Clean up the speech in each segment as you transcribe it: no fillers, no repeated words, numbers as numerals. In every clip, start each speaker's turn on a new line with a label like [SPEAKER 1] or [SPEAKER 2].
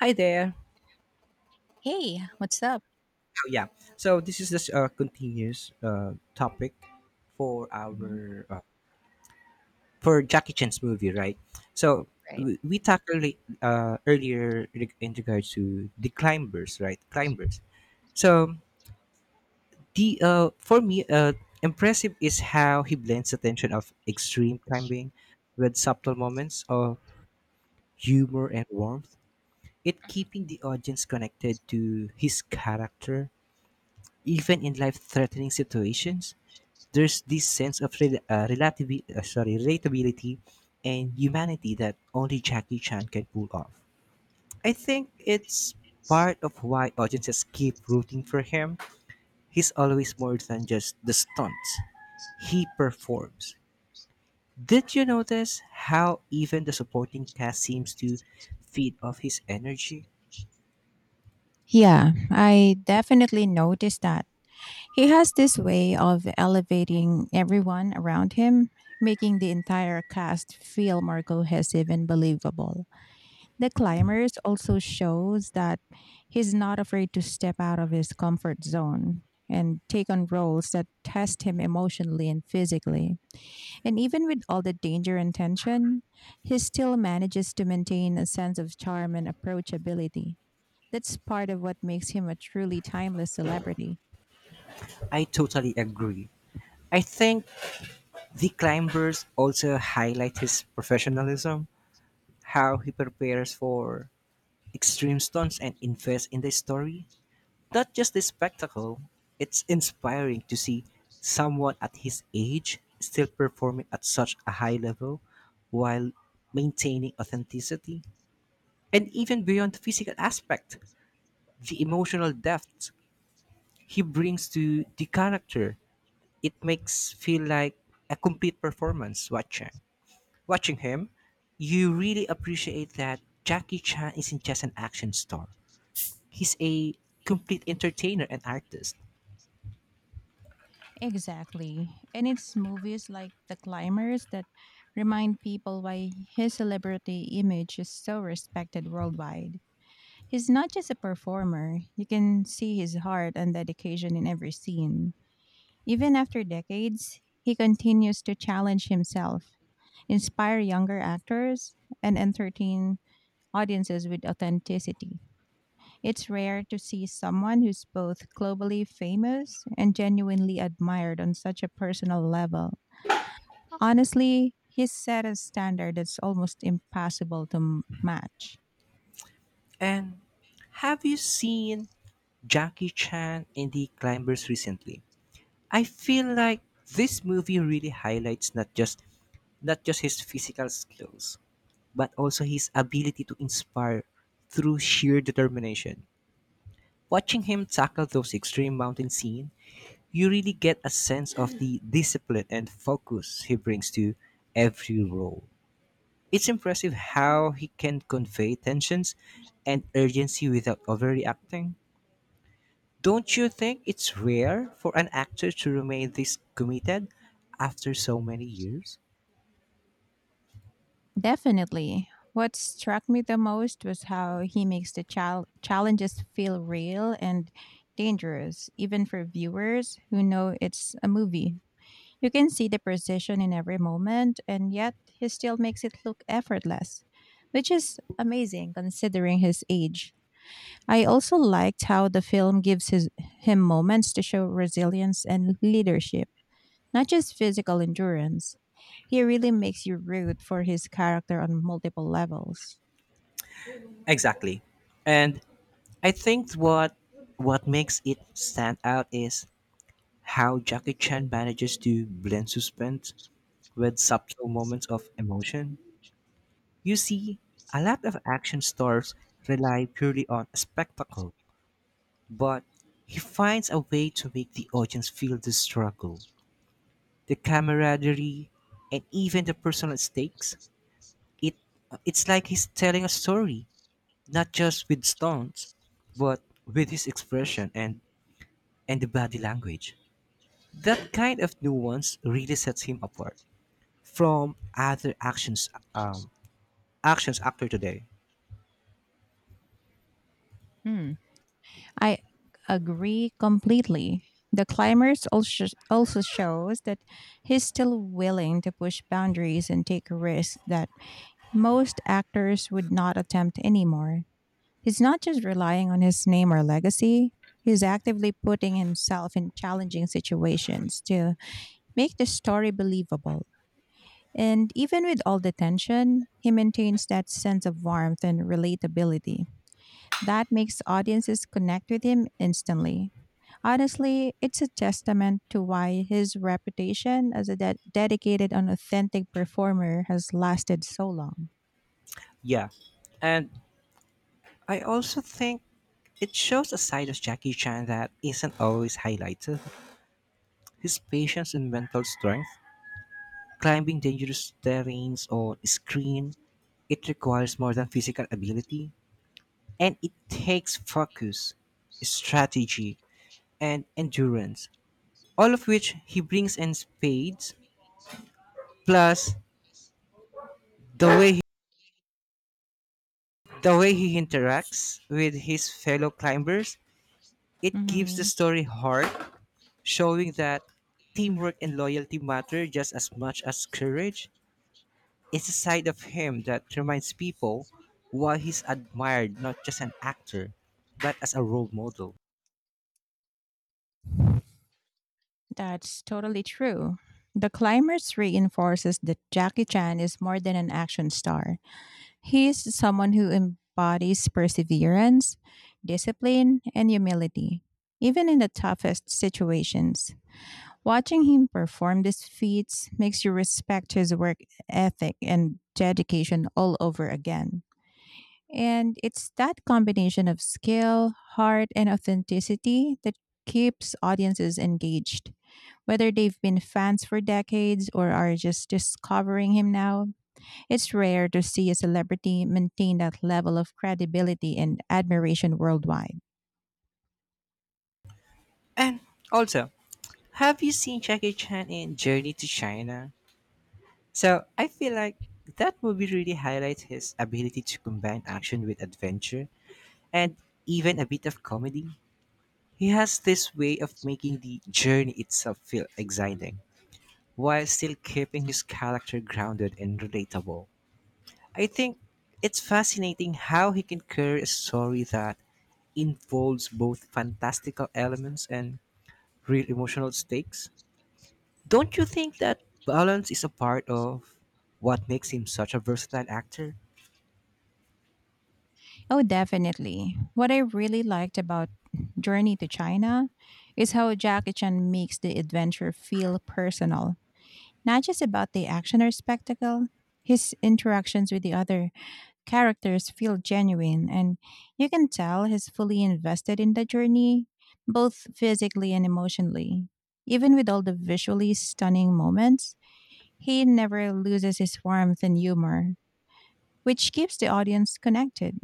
[SPEAKER 1] Hi there.
[SPEAKER 2] Hey, what's up?
[SPEAKER 1] Oh, yeah. So this is just a continuous topic for
[SPEAKER 2] Mhm.
[SPEAKER 1] our for Jackie Chan's movie, right? So
[SPEAKER 2] Right.
[SPEAKER 1] we tackled it, earlier in regards to the climbers, right? Climbers. So the for me, impressive is how he blends the tension of extreme climbing with subtle moments of humor and warmth. It keeping the audience connected to his character, even in life-threatening situations there's this sense of relatability and humanity that only Jackie Chan can pull off. I think it's part of why audiences keep rooting for him. He's always more than just the stunts he performs. Did you notice how even the supporting cast seems to feed off his energy?
[SPEAKER 2] Yeah, I definitely noticed that. He has this way of elevating everyone around him, making the entire cast feel more cohesive and believable. The climbers also shows that he's not afraid to step out of his comfort zone and take on roles that test him emotionally and physically. And even with all the danger and tension, he still manages to maintain a sense of charm and approachability. That's part of what makes him a truly timeless celebrity.
[SPEAKER 1] I totally agree. I think the climbers also highlight his professionalism, how he prepares for extreme stunts and invest in the story, not just the spectacle. It's inspiring to see someone at his age still performing at such a high level while maintaining authenticity. And even beyond the physical aspect, the emotional depth he brings to the character, it makes feel like a complete performance watching. Watching him, you really appreciate that Jackie Chan isn't just an action star. He's a complete entertainer and artist.
[SPEAKER 2] Exactly. And it's movies like The Climbers that remind people why his celebrity image is so respected worldwide. He's not just a performer, you can see his heart and dedication in every scene. Even after decades, he continues to challenge himself, inspire younger actors, and entertain audiences with authenticity. It's rare to see someone who's both globally famous and genuinely admired on such a personal level. Honestly, he's set a standard that's almost impossible to match.
[SPEAKER 1] And have you seen Jackie Chan in The Climbers recently? I feel like this movie really highlights not just his physical skills, but also his ability to inspire through sheer determination. Watching him tackle those extreme mountain scenes, you really get a sense of the discipline and focus he brings to every role. It's impressive how he can convey tensions and urgency without overreacting. Don't you think it's rare for an actor to remain this committed after so many years?
[SPEAKER 2] Definitely. What struck me the most was how he makes the challenges feel real and dangerous, even for viewers who know it's a movie. You can see the precision in every moment, and yet he still makes it look effortless, which is amazing considering his age. I also liked how the film gives him moments to show resilience and leadership, not just physical endurance. He really makes you root for his character on multiple levels.
[SPEAKER 1] Exactly. And I think what makes it stand out is how Jackie Chan manages to blend suspense with subtle moments of emotion. You see, a lot of action stars rely purely on spectacle, but he finds a way to make the audience feel the struggle, the camaraderie, and even the personal stakes. It it's like he's telling a story, not just with stones, but with his expression and the body language. That kind of nuance really sets him apart from other actions um, actions actor today.
[SPEAKER 2] Hmm. I agree completely. The climbers also shows that he's still willing to push boundaries and take risks that most actors would not attempt anymore. He's not just relying on his name or legacy, he's actively putting himself in challenging situations to make the story believable. And even with all the tension, he maintains that sense of warmth and relatability. That makes audiences connect with him instantly. Honestly, it's a testament to why his reputation as a dedicated and authentic performer has lasted so long.
[SPEAKER 1] Yeah, and I also think it shows a side of Jackie Chan that isn't always highlighted. His patience and mental strength, climbing dangerous terrains or screen, it requires more than physical ability, and it takes focus, strategy, and endurance, all of which he brings in spades. Plus, the way he, the way he interacts with his fellow climbers, it gives the
[SPEAKER 2] Mhm.
[SPEAKER 1] story heart, showing that teamwork and loyalty matter just as much as courage. It's a side of him that reminds people why he's admired not just an actor, but as a role model.
[SPEAKER 2] That's totally true. The climbers reinforces that Jackie Chan is more than an action star. He's someone who embodies perseverance, discipline, and humility, even in the toughest situations. Watching him perform these feats makes you respect his work ethic and dedication all over again. And it's that combination of skill, heart, and authenticity that keeps audiences engaged. Whether they've been fans for decades or are just discovering him now, it's rare to see a celebrity maintain that level of credibility and admiration worldwide.
[SPEAKER 1] And also, have you seen Jackie Chan in Journey to China? So I feel like that movie really highlights his ability to combine action with adventure and even a bit of comedy. He has this way of making the journey itself feel exciting while still keeping his character grounded and relatable. I think it's fascinating how he can carry a story that involves both fantastical elements and real emotional stakes. Don't you think that balance is a part of what makes him such a versatile actor?
[SPEAKER 2] Oh, definitely. What I really liked about Journey to China is how Jackie Chan makes the adventure feel personal, not just about the action or spectacle. His interactions with the other characters feel genuine, and you can tell he's fully invested in the journey, both physically and emotionally. Even with all the visually stunning moments, he never loses his warmth and humor, which keeps the audience connected.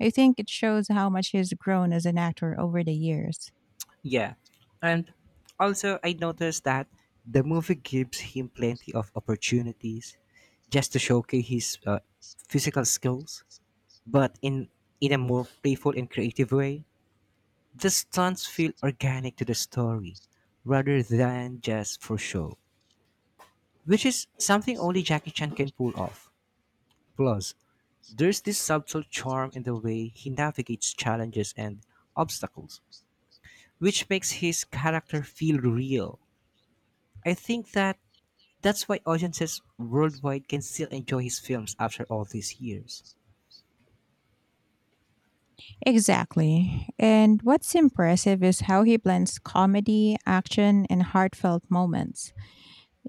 [SPEAKER 2] I think it shows how much he's grown as an actor over the years.
[SPEAKER 1] Yeah. And also, I noticed that the movie gives him plenty of opportunities just to showcase his physical skills, but in a more playful and creative way. The stunts feel organic to the story rather than just for show, which is something only Jackie Chan can pull off. Plus, there's this subtle charm in the way he navigates challenges and obstacles, which makes his character feel real. I think that's why audiences worldwide can still enjoy his films after all these years.
[SPEAKER 2] Exactly. And what's impressive is how he blends comedy, action, and heartfelt moments.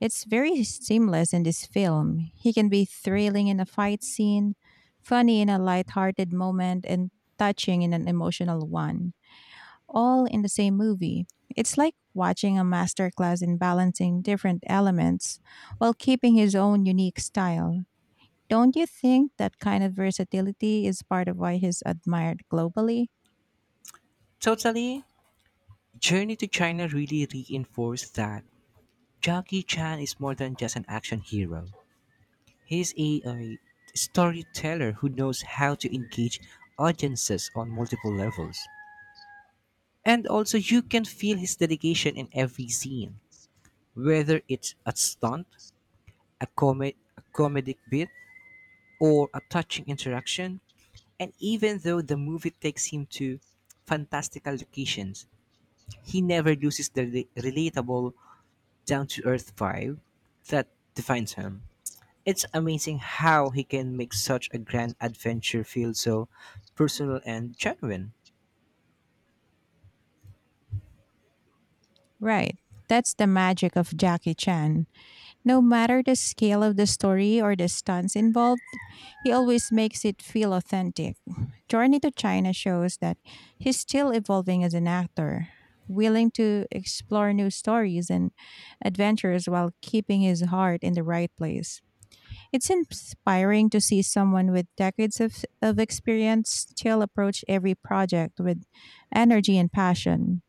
[SPEAKER 2] It's very seamless in this film. He can be thrilling in a fight scene, funny in a lighthearted moment, and touching in an emotional one, all in the same movie. It's like watching a masterclass in balancing different elements while keeping his own unique style. Don't you think that kind of versatility is part of why he's admired globally?
[SPEAKER 1] Totally, Journey to China really reinforced that Jackie Chan is more than just an action hero. He's a storyteller who knows how to engage audiences on multiple levels. And also, you can feel his dedication in every scene, whether it's a stunt, a comedic bit, or a touching interaction. And even though the movie takes him to fantastical locations, he never loses the relatable, down to earth vibe that defines him. It's amazing how he can make such a grand adventure feel so personal and genuine.
[SPEAKER 2] Right. That's the magic of Jackie Chan. No matter the scale of the story or the stunts involved, he always makes it feel authentic. Journey to China shows that he's still evolving as an actor, willing to explore new stories and adventures while keeping his heart in the right place. It's inspiring to see someone with decades of experience still approach every project with energy and passion.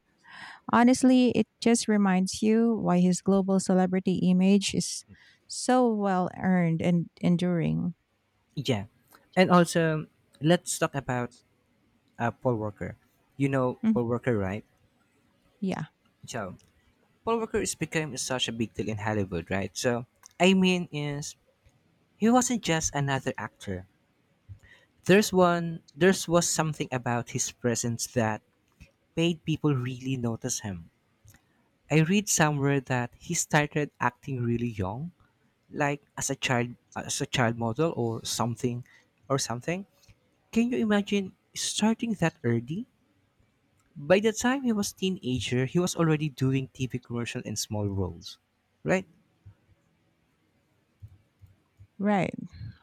[SPEAKER 2] Honestly, it just reminds you why his global celebrity image is so well earned and enduring.
[SPEAKER 1] Yeah. And also, let's talk about Paul Walker. You know
[SPEAKER 2] Mhm.
[SPEAKER 1] Paul Walker, right?
[SPEAKER 2] Yeah,
[SPEAKER 1] So, Paul Walker is became such a big deal in Hollywood, right? So, I mean is he wasn't just another actor. There's one there's was something about his presence that made people really notice him. I read somewhere that he started acting really young, like as a child model or something. Can you imagine starting that early? By the time he was teenager he was already doing TV commercial and small roles, right?
[SPEAKER 2] right.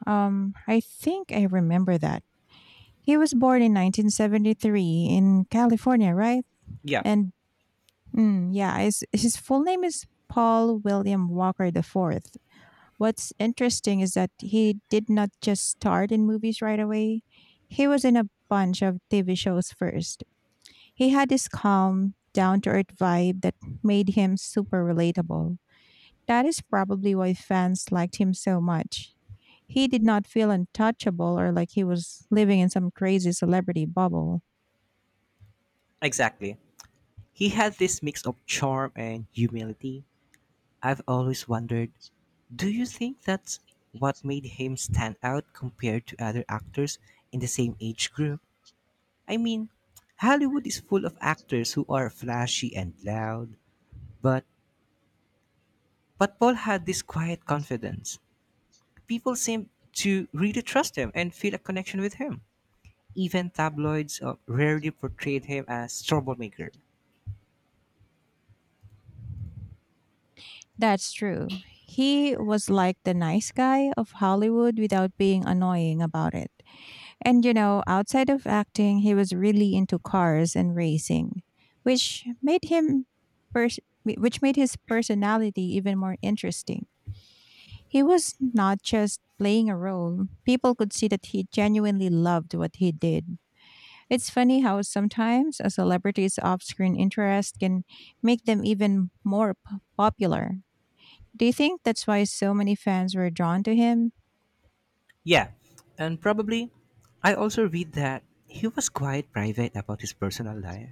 [SPEAKER 2] I think I remember that. He was born in 1973 in California, right?
[SPEAKER 1] Yeah,
[SPEAKER 2] And yeah, his full name is Paul William Walker IV. What's interesting is that he did not just start in movies right away. He was in a bunch of TV shows first. He had this calm, down to earth vibe that made him super relatable. That is probably why fans liked him so much. He did not feel untouchable or like he was living in some crazy celebrity bubble.
[SPEAKER 1] exactly, he had this mix of charm and humility. I've always wondered, do you think that's what made him stand out compared to other actors in the same age group? I mean, Hollywood is full of actors who are flashy and loud, but But Paul had this quiet confidence. People seemed to really trust him and feel a connection with him. Even tabloids rarely portrayed him as troublemaker.
[SPEAKER 2] That's true. He was like the nice guy of Hollywood without being annoying about it. And you know, outside of acting, he was really into cars and racing, which made him pers- which made his personality even more interesting. He was not just playing a role. People could see that he genuinely loved what he did. It's funny how sometimes a celebrity's off screen interest can make them even more popular. Do you think that's why so many fans were drawn to him?
[SPEAKER 1] Yeah, and probably I also read that he was quite private about his personal life.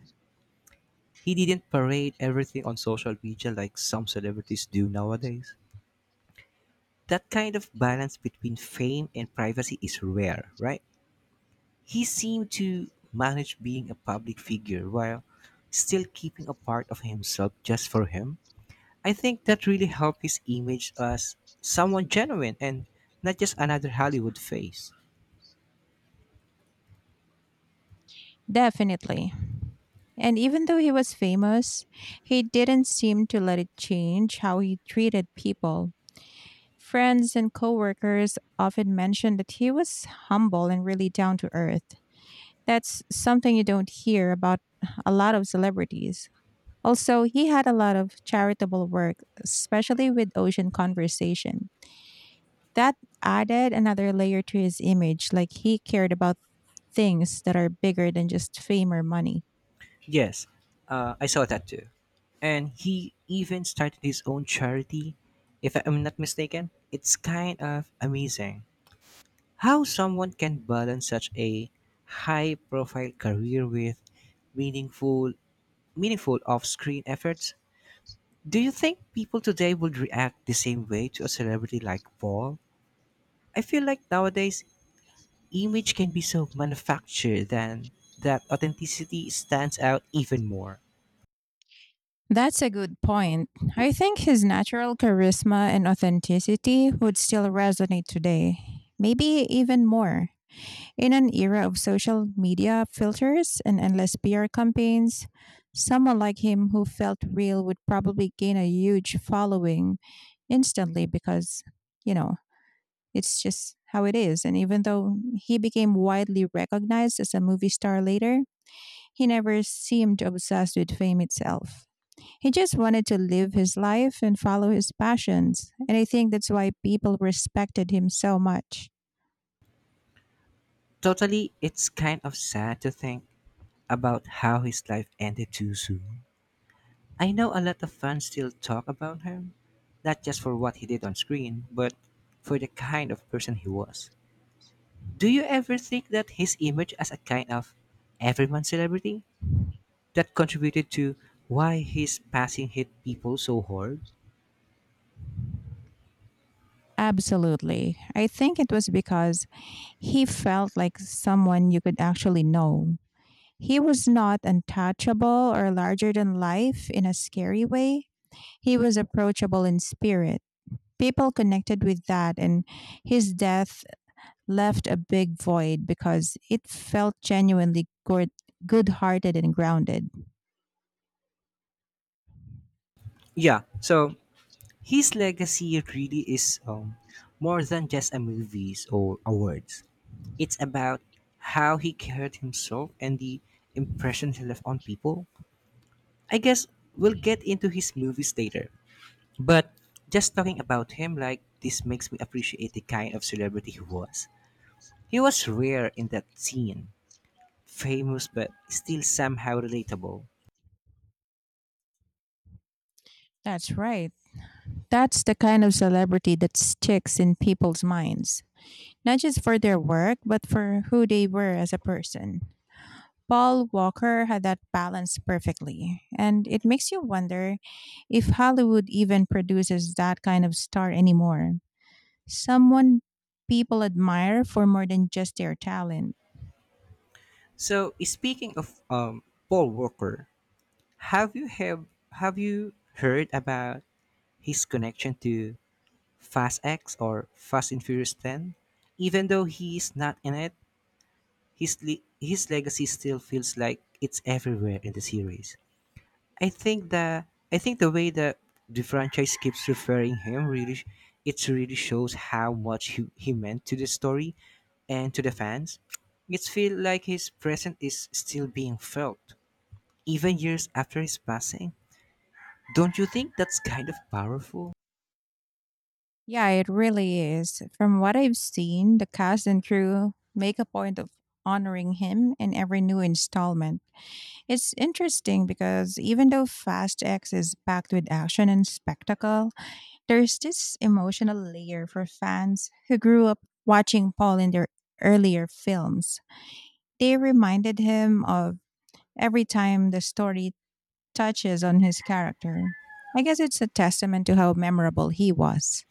[SPEAKER 1] He didn't parade everything on social media like some celebrities do nowadays. That kind of balance between fame and privacy is rare, right? He seemed to manage being a public figure while still keeping a part of himself just for him. I think that really helped his image as someone genuine and not just another Hollywood face.
[SPEAKER 2] Definitely. And even though he was famous, he didn't seem to let it change how he treated people. Friends and coworkers often mentioned that he was humble and really down to earth. That's something you don't hear about a lot of celebrities. Also, he had a lot of charitable work, especially with Ocean Conversation. That added another layer to his image, like he cared about things that are bigger than just fame or money.
[SPEAKER 1] Yes, I saw that too. And he even started his own charity, if I'm not mistaken. It's kind of amazing how someone can balance such a high profile career with meaningful meaningful off-screen efforts. Do you think people today would react the same way to a celebrity like Paul? I feel like nowadays image can be so manufactured then that authenticity stands out even more.
[SPEAKER 2] That's a good point. I think his natural charisma and authenticity would still resonate today, maybe even more. In an era of social media filters and endless PR campaigns, someone like him who felt real would probably gain a huge following instantly because, you know, it's just how it is. And even though he became widely recognized as a movie star later, he never seemed obsessed with fame itself. He just wanted to live his life and follow his passions. And I think that's why people respected him so much.
[SPEAKER 1] Totally, it's kind of sad to think about how his life ended too soon. I know a lot of fans still talk about him, not just for what he did on screen, but for the kind of person he was. Do you ever think that his image as a kind of everyman celebrity that contributed to why his passing hit people so hard?
[SPEAKER 2] Absolutely. I think it was because he felt like someone you could actually know. He was not untouchable or larger than life in a scary way. He was approachable in spirit. People connected with that, and his death left a big void because it felt genuinely good hearted and grounded.
[SPEAKER 1] Yeah, so his legacy really is more than just a movies or awards. It's about how he carried himself and the impression he left on people. I guess we'll get into his movies later, but just talking about him like this makes me appreciate the kind of celebrity he was. He was rare in that scene, famous but still somehow relatable.
[SPEAKER 2] That's right. That's the kind of celebrity that sticks in people's minds, not just for their work, but for who they were as a person. Paul Walker had that balance perfectly, and it makes you wonder if Hollywood even produces that kind of star anymore. Someone people admire for more than just their talent.
[SPEAKER 1] So speaking of Paul Walker, have you have have you heard about his connection to Fast X or Fast and Furious Ten? Even though he is not in it, his his legacy still feels like it's everywhere in the series. I think the I think the way that the franchise keeps referring him it really shows how much he meant to the story and to the fans. It feels like his presence is still being felt even years after his passing. Don't you think that's kind of powerful?
[SPEAKER 2] Yeah, it really is. From what I've seen, the cast and crew make a point of honoring him in every new installment. It's interesting because even though Fast X is packed with action and spectacle, there's this emotional layer for fans who grew up watching Paul in their earlier films. They reminded him of every time the story touches on his character. I guess it's a testament to how memorable he was.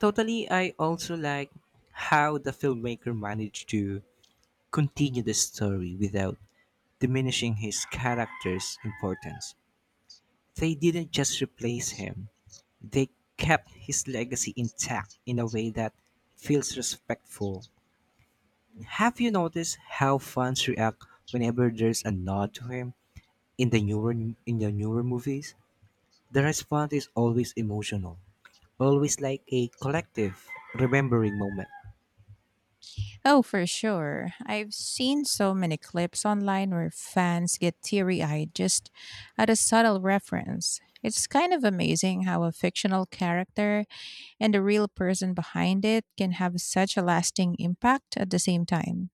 [SPEAKER 1] Totally, I also like how the filmmaker managed to continue the story without diminishing his character's importance. They didn't just replace him, they kept his legacy intact in a way that feels respectful. Have you noticed how fans react whenever there's a nod to him in the newer movies? The response is always emotional, always like a collective remembering moment.
[SPEAKER 2] Oh, for sure. I've seen so many clips online where fans get teary eyed just at a subtle reference. It's kind of amazing how a fictional character and the real person behind it can have such a lasting impact at the same time.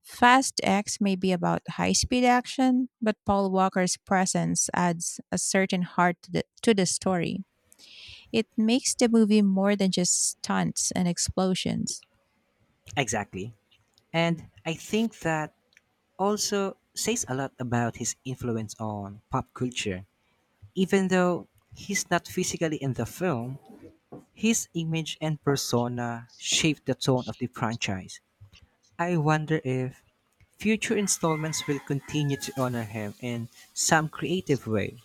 [SPEAKER 2] Fast X may be about high speed action, but Paul Walker's presence adds a certain heart to the story. It makes the movie more than just stunts and explosions.
[SPEAKER 1] Exactly. And I think that also says a lot about his influence on pop culture. Even though he's not physically in the film, his image and persona shaped the tone of the franchise. I wonder if future installments will continue to honor him in some creative way.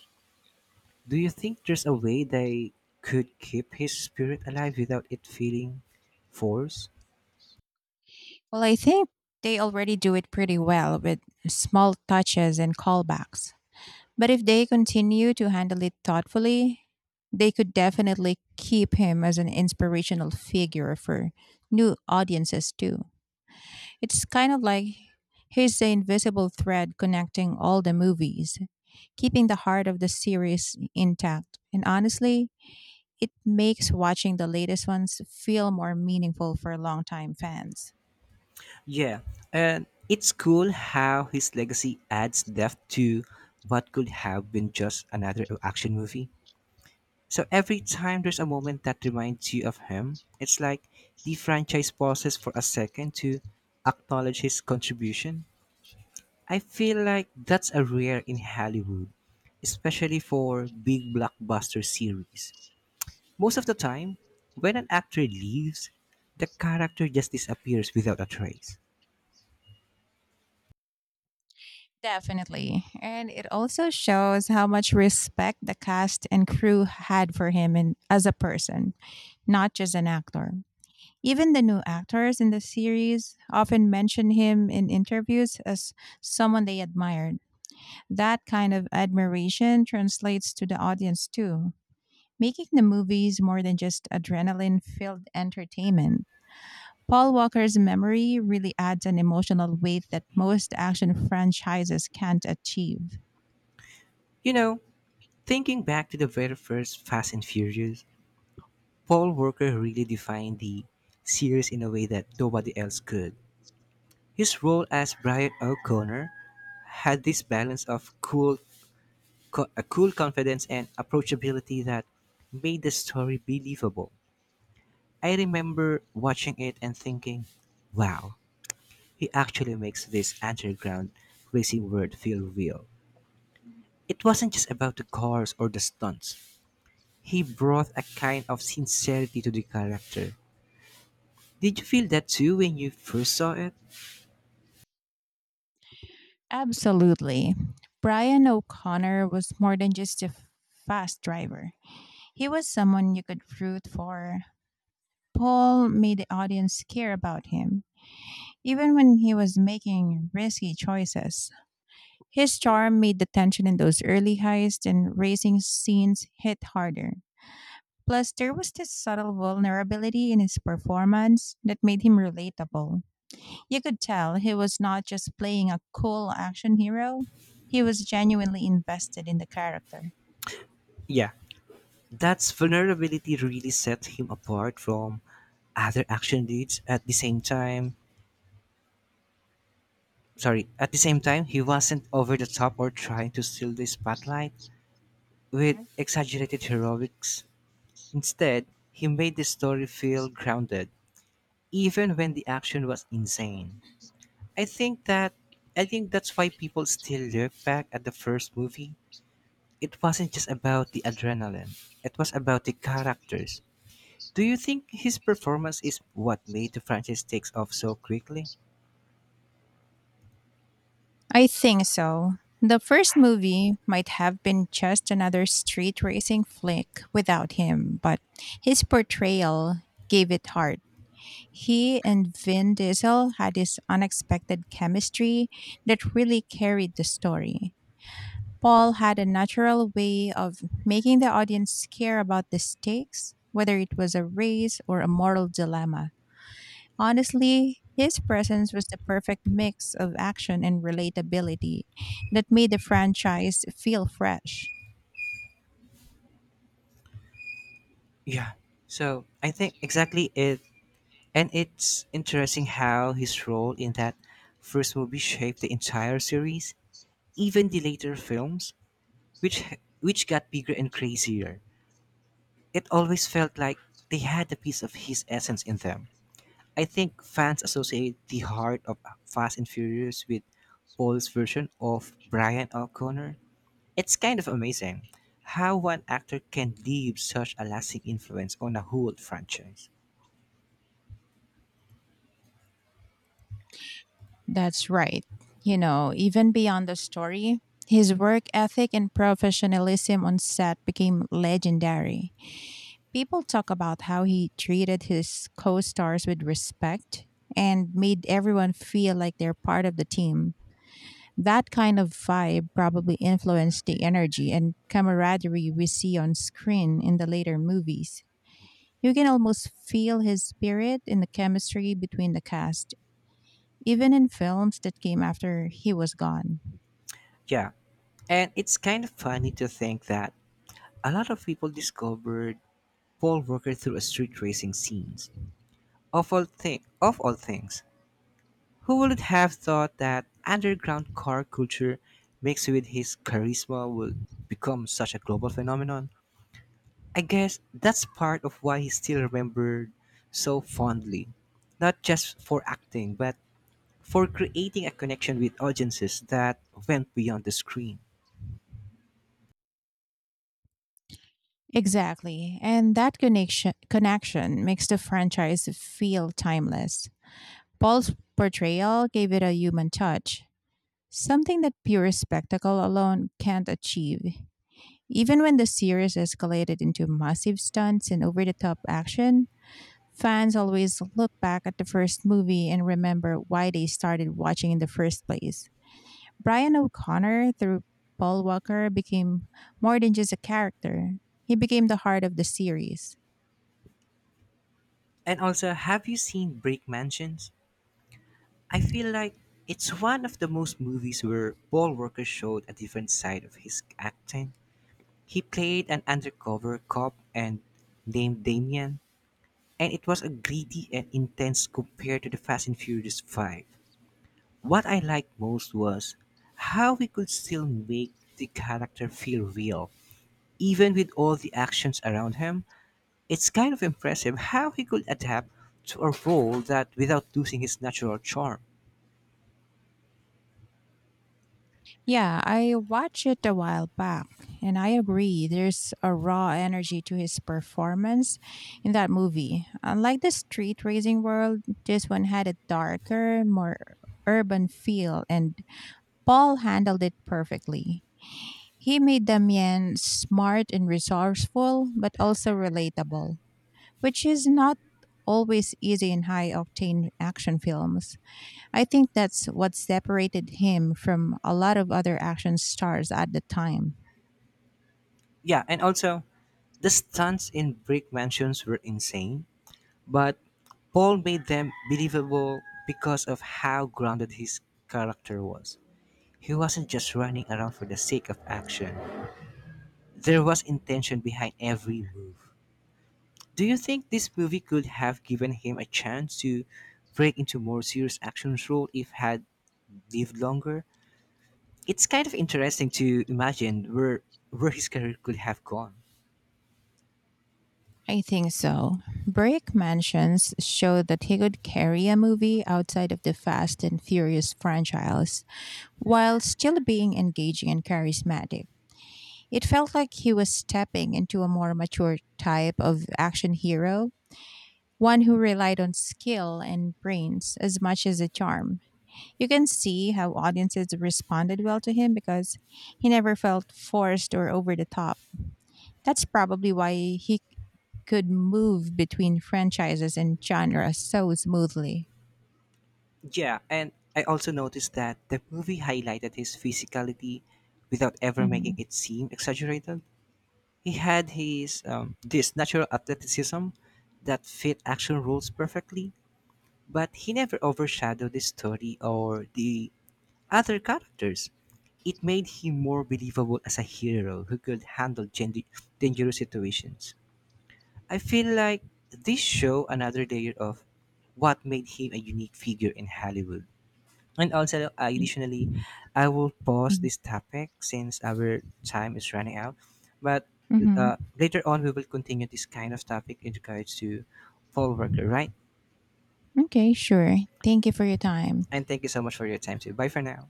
[SPEAKER 1] Do you think there's a way they could keep his spirit alive without it feeling forced?
[SPEAKER 2] Well, I think they already do it pretty well with small touches and callbacks. But if they continue to handle it thoughtfully, they could definitely keep him as an inspirational figure for new audiences too. It's kind of like he's the invisible thread connecting all the movies, keeping the heart of the series intact. And honestly, it makes watching the latest ones feel more meaningful for longtime fans.
[SPEAKER 1] Yeah, and it's cool how his legacy adds depth to what could have been just another action movie. So every time there's a moment that reminds you of him, it's like the franchise pauses for a second to acknowledge his contribution. I feel like that's a rare in Hollywood, especially for big blockbuster series. Most of the time, when an actor leaves, the character just disappears without a trace.
[SPEAKER 2] Definitely. And it also shows how much respect the cast and crew had for him and as a person, not just an actor. Even the new actors in the series often mention him in interviews as someone they admired. That kind of admiration translates to the audience too, making the movies more than just adrenaline filled entertainment. Paul Walker's memory really adds an emotional weight that most action franchises can't achieve.
[SPEAKER 1] You know, thinking back to the very first Fast and Furious, Paul Walker really defined the series in a way that nobody else could. His role as Brian O'Connor had this balance of cool, a cool confidence and approachability that made the story believable. I remember watching it and thinking, wow, he actually makes this underground racing world feel real. It wasn't just about the cars or the stunts. He brought a kind of sincerity to the character. Did you feel that too when you first saw it?
[SPEAKER 2] Absolutely. Brian O'Connor was more than just a fast driver. He was someone you could root for. Paul made the audience care about him, even when he was making risky choices. His charm made the tension in those early heist and racing scenes hit harder. Plus, there was this subtle vulnerability in his performance that made him relatable. You could tell he was not just playing a cool action hero, he was genuinely invested in the character.
[SPEAKER 1] Yeah, that's vulnerability really set him apart from other action leads at the same time. Sorry, at the same time, he wasn't over the top or trying to steal the spotlight with exaggerated heroics. Instead, he made the story feel grounded, even when the action was insane. I think that I think that's why people still look back at the first movie. It wasn't just about the adrenaline. It was about the characters. Do you think his performance is what made the franchise takes off so quickly?
[SPEAKER 2] I think so. The first movie might have been just another street racing flick without him, but his portrayal gave it heart. He and Vin Diesel had this unexpected chemistry that really carried the story. Paul had a natural way of making the audience care about the stakes, whether it was a race or a moral dilemma. Honestly, his presence was the perfect mix of action and relatability that made the franchise feel fresh.
[SPEAKER 1] Yeah, so I think exactly it, and it's interesting how his role in that first movie shaped the entire series, even the later films, which which got bigger and crazier. It always felt like they had a piece of his essence in them. I think fans associate the heart of Fast and Furious with Paul's version of Brian O'Connor. It's kind of amazing how one actor can leave such a lasting influence on a whole franchise.
[SPEAKER 2] That's right. You know, even beyond the story, his work ethic and professionalism on set became legendary. People talk about how he treated his co stars with respect and made everyone feel like they're part of the team. That kind of vibe probably influenced the energy and camaraderie we see on screen in the later movies. You can almost feel his spirit in the chemistry between the cast, even in films that came after he was gone.
[SPEAKER 1] Yeah, and it's kind of funny to think that a lot of people discovered Paul Walker through a street racing scenes. Of all things, who would have thought that underground car culture mixed with his charisma would become such a global phenomenon? I guess that's part of why he's still remembered so fondly, not just for acting, but for creating a connection with audiences that went beyond the screen.
[SPEAKER 2] Exactly. And that connection makes the franchise feel timeless. Paul's portrayal gave it a human touch, something that pure spectacle alone can't achieve. Even when the series escalated into massive stunts and over the top action, fans always look back at the first movie and remember why they started watching in the first place. Brian O'Connor, through Paul Walker, became more than just a character, he became the heart of the series.
[SPEAKER 1] And also, have you seen Brick Mansions? I feel like it's one of the most movies where Paul Walker showed a different side of his acting. He played an undercover cop and named Damien, and it was a greedy and intense compared to the Fast and Furious 5. What I liked most was how we could still make the character feel real, even with all the actions around him. It's kind of impressive how he could adapt to a role that without losing his natural charm.
[SPEAKER 2] Yeah, I watched it a while back, and I agree. There's a raw energy to his performance in that movie. Unlike the street racing world, this one had a darker, more urban feel, and Paul handled it perfectly. He made Damien smart and resourceful, but also relatable, which is not always easy in high octane action films. I think that's what separated him from a lot of other action stars at the time.
[SPEAKER 1] Yeah, and also the stunts in Brick Mansions were insane, but Paul made them believable because of how grounded his character was. He wasn't just running around for the sake of action. There was intention behind every move. Do you think this movie could have given him a chance to break into more serious action role if had lived longer? It's kind of interesting to imagine where his career could have gone.
[SPEAKER 2] I think so. Brick Mansions showed that he could carry a movie outside of the Fast and Furious franchise while still being engaging and charismatic. It felt like he was stepping into a more mature type of action hero, one who relied on skill and brains as much as a charm. You can see how audiences responded well to him because he never felt forced or over the top. That's probably why he could move between franchises and genres so smoothly.
[SPEAKER 1] Yeah, and I also noticed that the movie highlighted his physicality without ever making
[SPEAKER 2] hmm
[SPEAKER 1] it seem exaggerated. He had his this natural athleticism that fit action roles perfectly, but he never overshadowed the story or the other characters. It made him more believable as a hero who could handle dangerous situations. I feel like this show another layer of what made him a unique figure in Hollywood. And also, additionally, I will pause this topic since our time is running out. But
[SPEAKER 2] hmm
[SPEAKER 1] later on, we will continue this kind of topic in regards to Paul Walker, right?
[SPEAKER 2] Okay, sure. Thank you for your time.
[SPEAKER 1] And thank you so much for your time too. Bye for now.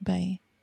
[SPEAKER 2] Bye.